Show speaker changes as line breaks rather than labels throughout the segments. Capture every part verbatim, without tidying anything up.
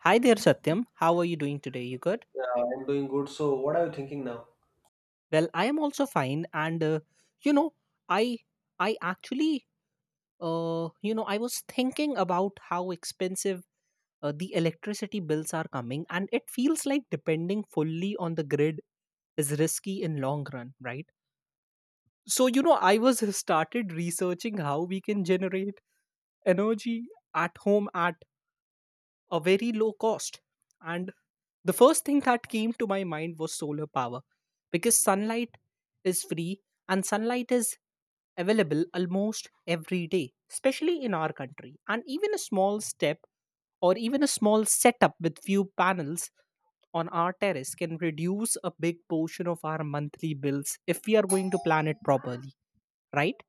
Hi there, Satyam. How are you doing today? You good?
Yeah, I'm doing good. So, what are you thinking now?
Well, I am also fine, and uh, you know, I I actually uh, you know I was thinking about how expensive uh, the electricity bills are coming, and it feels like depending fully on the grid is risky in long run, right? So you know, I was started researching how we can generate energy at home at a very low cost, and The first thing that came to my mind was solar power because sunlight is free and sunlight is available almost every day, especially in our country. And even a small step or even a small setup with few panels on our terrace can reduce a big portion of our monthly bills if we are going to plan it properly, right?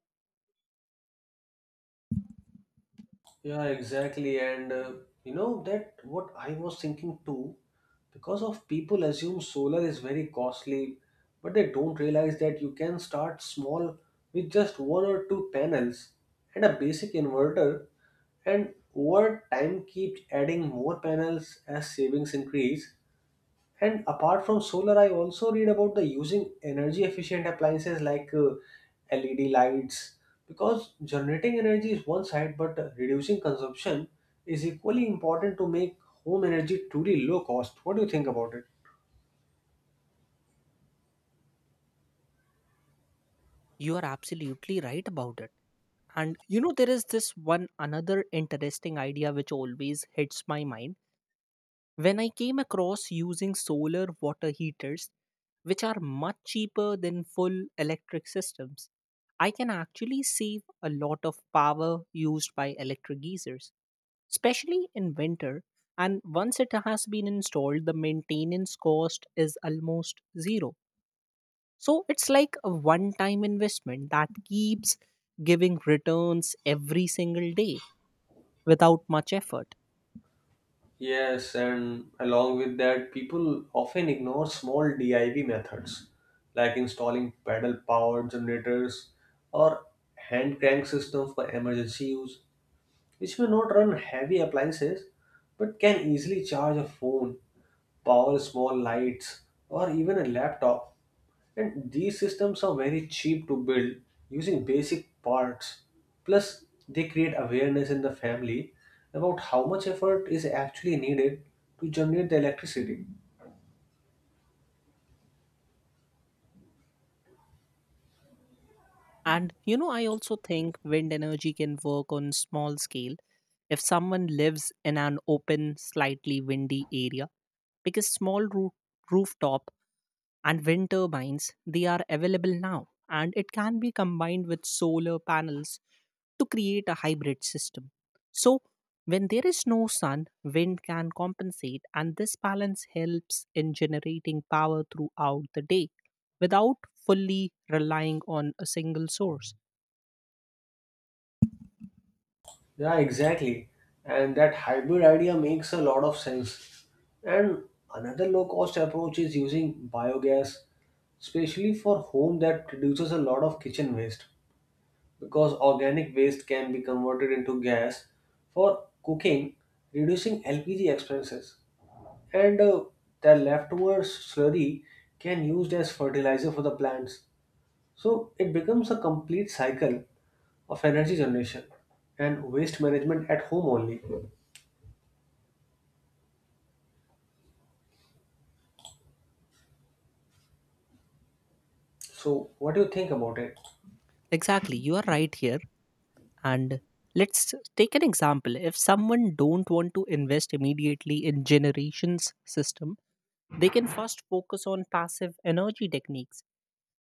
Yeah, exactly. And uh, you know that what I was thinking too, because of people assume solar is very costly, but they don't realize that you can start small with just one or two panels and a basic inverter, and over time keep adding more panels as savings increase. And apart from solar, I also read about the using energy efficient appliances like uh, L E D lights because generating energy is one side, but uh, reducing consumption is equally important to make home energy truly low cost. What do you think about it?
You are absolutely right about it. And you know, there is this one another interesting idea which always hits my mind when I came across using solar water heaters, which are much cheaper than full electric systems. I can actually save a lot of power used by electric geysers, especially in winter. And once it has been installed, the maintenance cost is almost zero. So it's like a one time investment that keeps giving returns every single day without much effort.
Yes, and along with that, people often ignore small D I Y methods like installing pedal powered generators or hand crank systems for emergency use which may not run heavy appliances but can easily charge a phone, power small lights, or even a laptop. And these systems are very cheap to build using basic parts. Plus, they create awareness in the family about how much effort is actually needed to generate the electricity.
And you know, I also think wind energy can work on small scale if someone lives in an open, slightly windy area because small roo- rooftop and wind turbines they are available now, and it can be combined with solar panels to create a hybrid system. So, when there is no sun, wind can compensate, and this balance helps in generating power throughout the day without fully relying on a single source.
Yeah, exactly. And that hybrid idea makes a lot of sense. And another low cost approach is using biogas, especially for home that produces a lot of kitchen waste because organic waste can be converted into gas for cooking, reducing L P G expenses. And uh, the leftover slurry can used as fertilizer for the plants. So it becomes a complete cycle of energy generation and waste management at home only. So what do you think about it?
Exactly, you are right here. And let's take an example. If someone don't want to invest immediately in generations system, they can first focus on passive energy techniques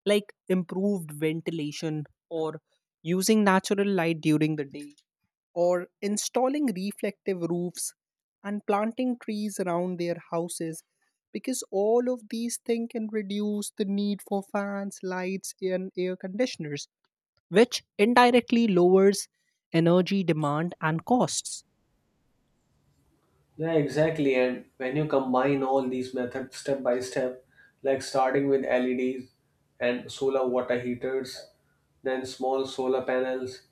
like improved ventilation or using natural light during the day or installing reflective roofs and planting trees around their houses, because all of these things can reduce the need for fans, lights and air conditioners, which indirectly lowers energy demand and costs.
Yeah, exactly. And when you combine all these methods step by step, like starting with L E Ds and solar water heaters, then small solar panels,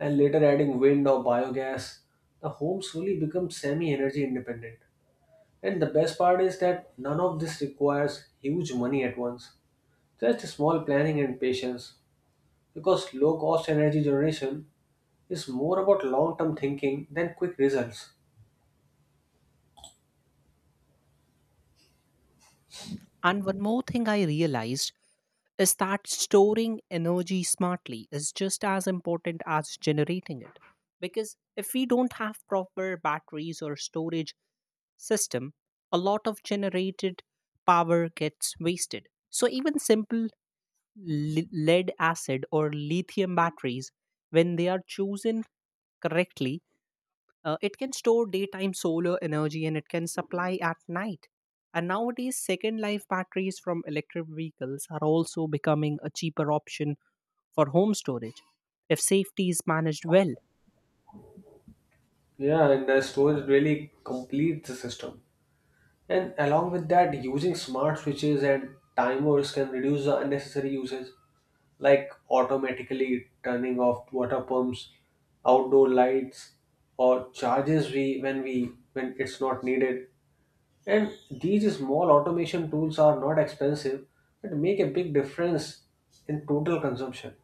and later adding wind or biogas, the home slowly becomes semi energy independent. And the best part is that none of this requires huge money at once. So just small planning and patience, because low cost energy generation is more about long term thinking than quick results.
And one more thing I realized is that storing energy smartly is just as important as generating it. Because if we don't have proper batteries or storage system, a lot of generated power gets wasted. So even simple li- lead acid or lithium batteries, when they are chosen correctly, Uh, it can store daytime solar energy and it can supply at night. And nowadays, second life batteries from electric vehicles are also becoming a cheaper option for home storage if safety is managed well.
Yeah, and the storage really completes the system. And along with that, using smart switches and timers can reduce the unnecessary uses, like automatically turning off water pumps, outdoor lights, or charges we when we when it's not needed. And these small automation tools are not expensive but make a big difference in total consumption,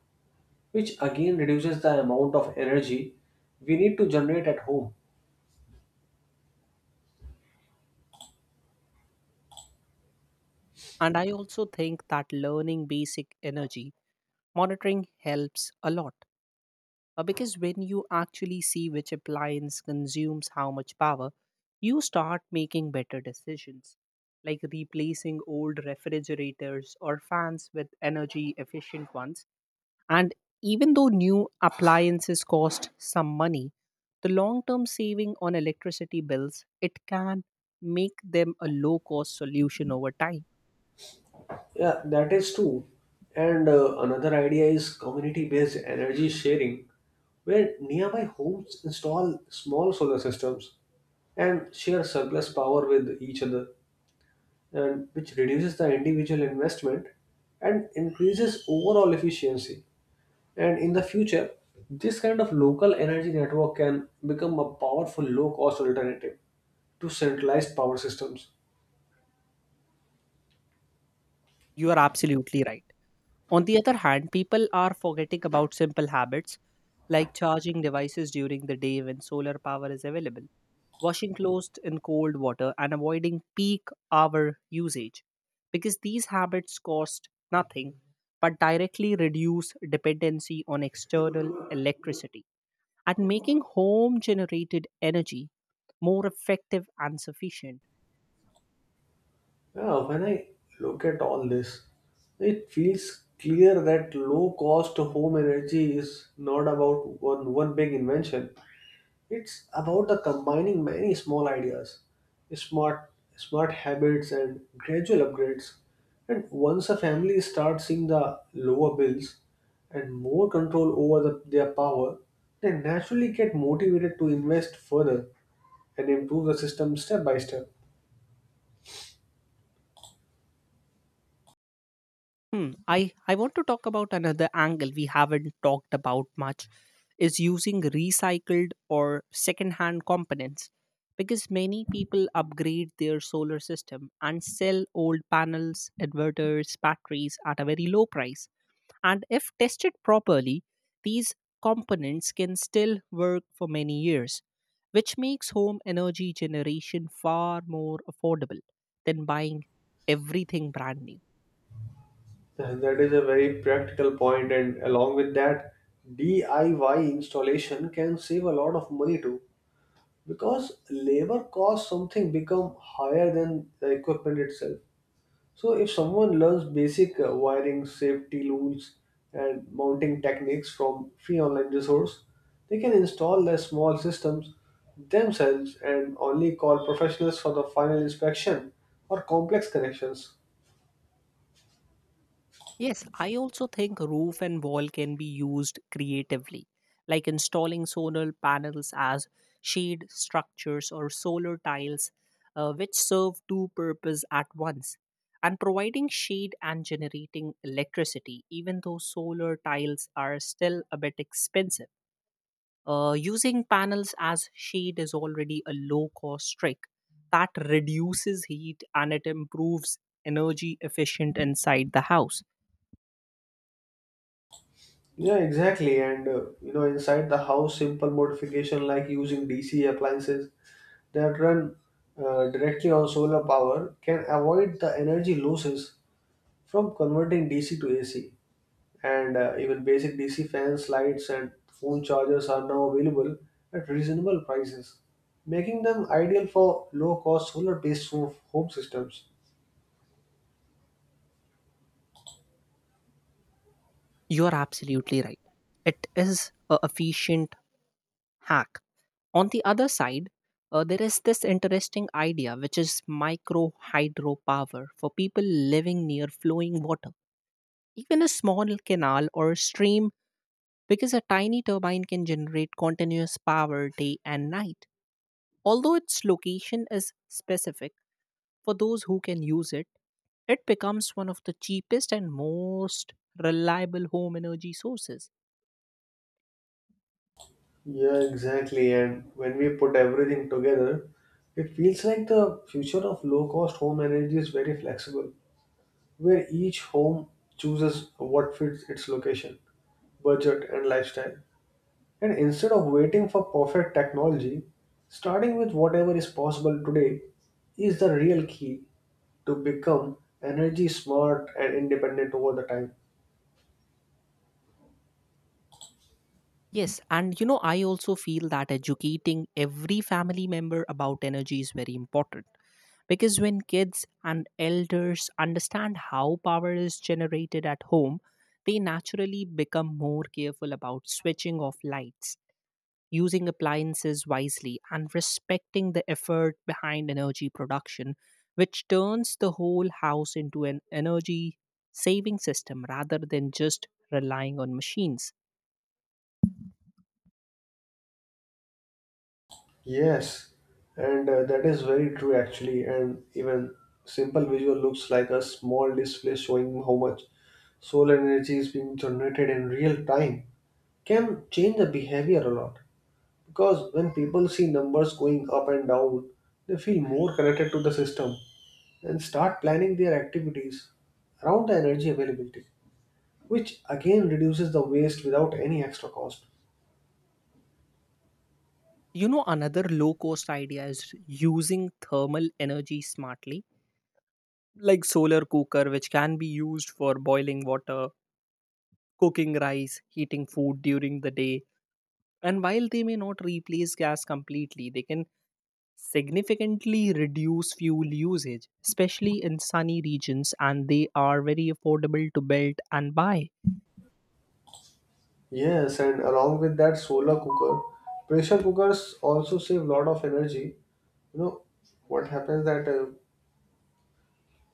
which again reduces the amount of energy we need to generate at home.
And I also think that learning basic energy monitoring helps a lot, Uh, because when you actually see which appliance consumes how much power, you start making better decisions, like replacing old refrigerators or fans with energy efficient ones. And even though new appliances cost some money, the long term saving on electricity bills, it can make them a low cost solution over time.
Yeah, that is true. And uh, another idea is community based energy sharing, where nearby homes install small solar systems and share surplus power with each other, and which reduces the individual investment and increases overall efficiency. And in the future, this kind of local energy network can become a powerful low cost alternative to centralized power systems.
You are absolutely right. On the other hand, people are forgetting about simple habits like charging devices during the day when solar power is available, washing clothes in cold water, and avoiding peak hour usage, because these habits cost nothing but directly reduce dependency on external electricity and making home generated energy more effective and sufficient.
Yeah, when I look at all this, it feels clear that low cost home energy is not about one, one big invention. It's about the combining many small ideas, smart smart habits and gradual upgrades. And once a family starts seeing the lower bills and more control over the, their power, they naturally get motivated to invest further and improve the system step by step.
Hmm. I, I want to talk about another angle we haven't talked about much is using recycled or secondhand components, because many people upgrade their solar system and sell old panels, inverters, batteries at a very low price. And if tested properly, these components can still work for many years, which makes home energy generation far more affordable than buying everything brand new.
Uh, That is a very practical point, and along with that, D I Y installation can save a lot of money too, because labor costs something become higher than the equipment itself. So if someone learns basic uh, wiring safety rules and mounting techniques from free online resource, they can install their small systems themselves and only call professionals for the final inspection or complex connections.
Yes, I also think roof and wall can be used creatively, like installing solar panels as shade structures or solar tiles, uh, which serve two purposes at once, and providing shade and generating electricity, even though solar tiles are still a bit expensive. Uh, using panels as shade is already a low cost trick that reduces heat and it improves energy efficient inside the house.
Yeah, exactly. And uh, you know, inside the house simple modification like using DC appliances that run uh, directly on solar power can avoid the energy losses from converting D C to A C. And uh, even basic D C fans, lights, and phone chargers are now available at reasonable prices, making them ideal for low cost solar based home systems.
You are absolutely right. It is a efficient hack. On the other side, uh, there is this interesting idea which is micro hydropower for people living near flowing water. Even a small canal or stream, because a tiny turbine can generate continuous power day and night. Although its location is specific for those who can use it, it becomes one of the cheapest and most reliable home energy sources.
Yeah, exactly. And when we put everything together, it feels like the future of low cost home energy is very flexible, where each home chooses what fits its location, budget, and lifestyle. And instead of waiting for perfect technology, starting with whatever is possible today is the real key to become energy smart and independent over the time.
Yes, and you know, I also feel that educating every family member about energy is very important, because when kids and elders understand how power is generated at home, they naturally become more careful about switching off lights, using appliances wisely, and respecting the effort behind energy production, which turns the whole house into an energy saving system rather than just relying on machines.
Yes, and uh, that is very true actually. And even simple visual looks like a small display showing how much solar energy is being generated in real time can change the behavior a lot. Because when people see numbers going up and down, they feel more connected to the system and start planning their activities around the energy availability, which again reduces the waste without any extra cost.
You know, another low cost idea is using thermal energy smartly, like solar cooker, which can be used for boiling water, cooking rice, heating food during the day. And while they may not replace gas completely, they can significantly reduce fuel usage, especially in sunny regions, and they are very affordable to build and buy.
Yes, and along with that solar cooker, pressure cookers also save a lot of energy. You know what happens that uh,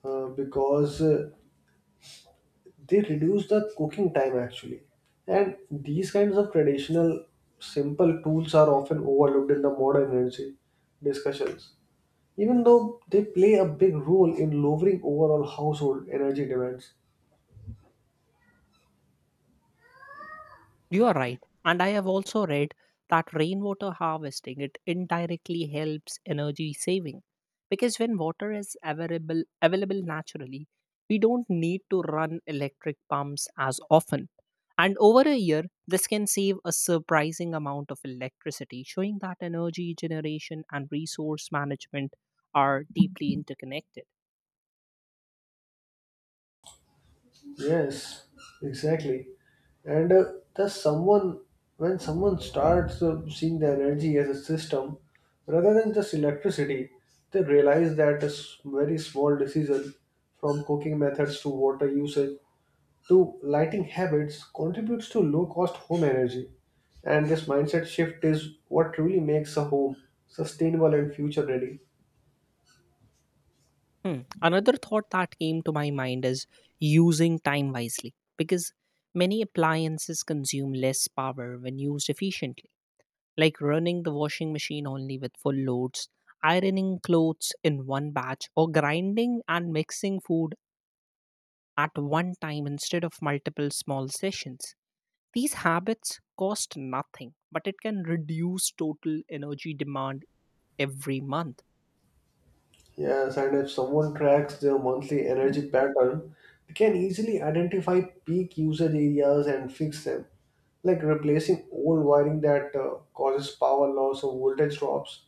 uh, because uh, they reduce the cooking time actually, and these kinds of traditional simple tools are often overlooked in the modern energy discussions, even though they play a big role in lowering overall household energy demands.
You are right. And I have also read that rainwater harvesting it indirectly helps energy saving because when water is available available naturally, we don't need to run electric pumps as often. And over a year, this can save a surprising amount of electricity, showing that energy generation and resource management are deeply interconnected.
Yes, exactly. And uh, thus someone when someone starts uh, seeing the energy as a system rather than just electricity, they realize that a s- very small decision from cooking methods to water usage to lighting habits contributes to low cost home energy. And this mindset shift is what truly makes a home sustainable and future ready.
Hmm. Another thought that came to my mind is using time wisely, because many appliances consume less power when used efficiently, like running the washing machine only with full loads, ironing clothes in one batch, or grinding and mixing food at one time instead of multiple small sessions. These habits cost nothing, but it can reduce total energy demand every month.
Yes, and if someone tracks their monthly energy pattern, they can easily identify peak usage areas and fix them, like replacing old wiring that uh, causes power loss or voltage drops.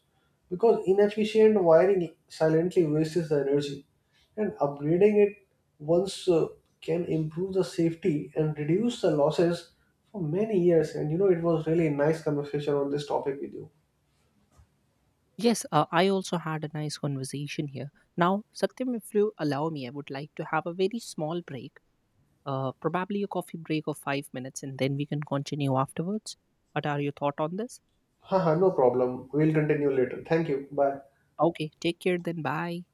Because inefficient wiring silently wastes the energy, and upgrading it once uh, can improve the safety and reduce the losses for many years. And you know, it was really nice conversation on this topic with you.
Yes, uh, I also had a nice conversation here. Now, Satyam, if you allow me, I would like to have a very small break, uh, probably a coffee break of five minutes, and then we can continue afterwards. What are your thoughts on this?
Haha, no problem. We'll continue later. Thank you. Bye.
Okay, take care then. Bye.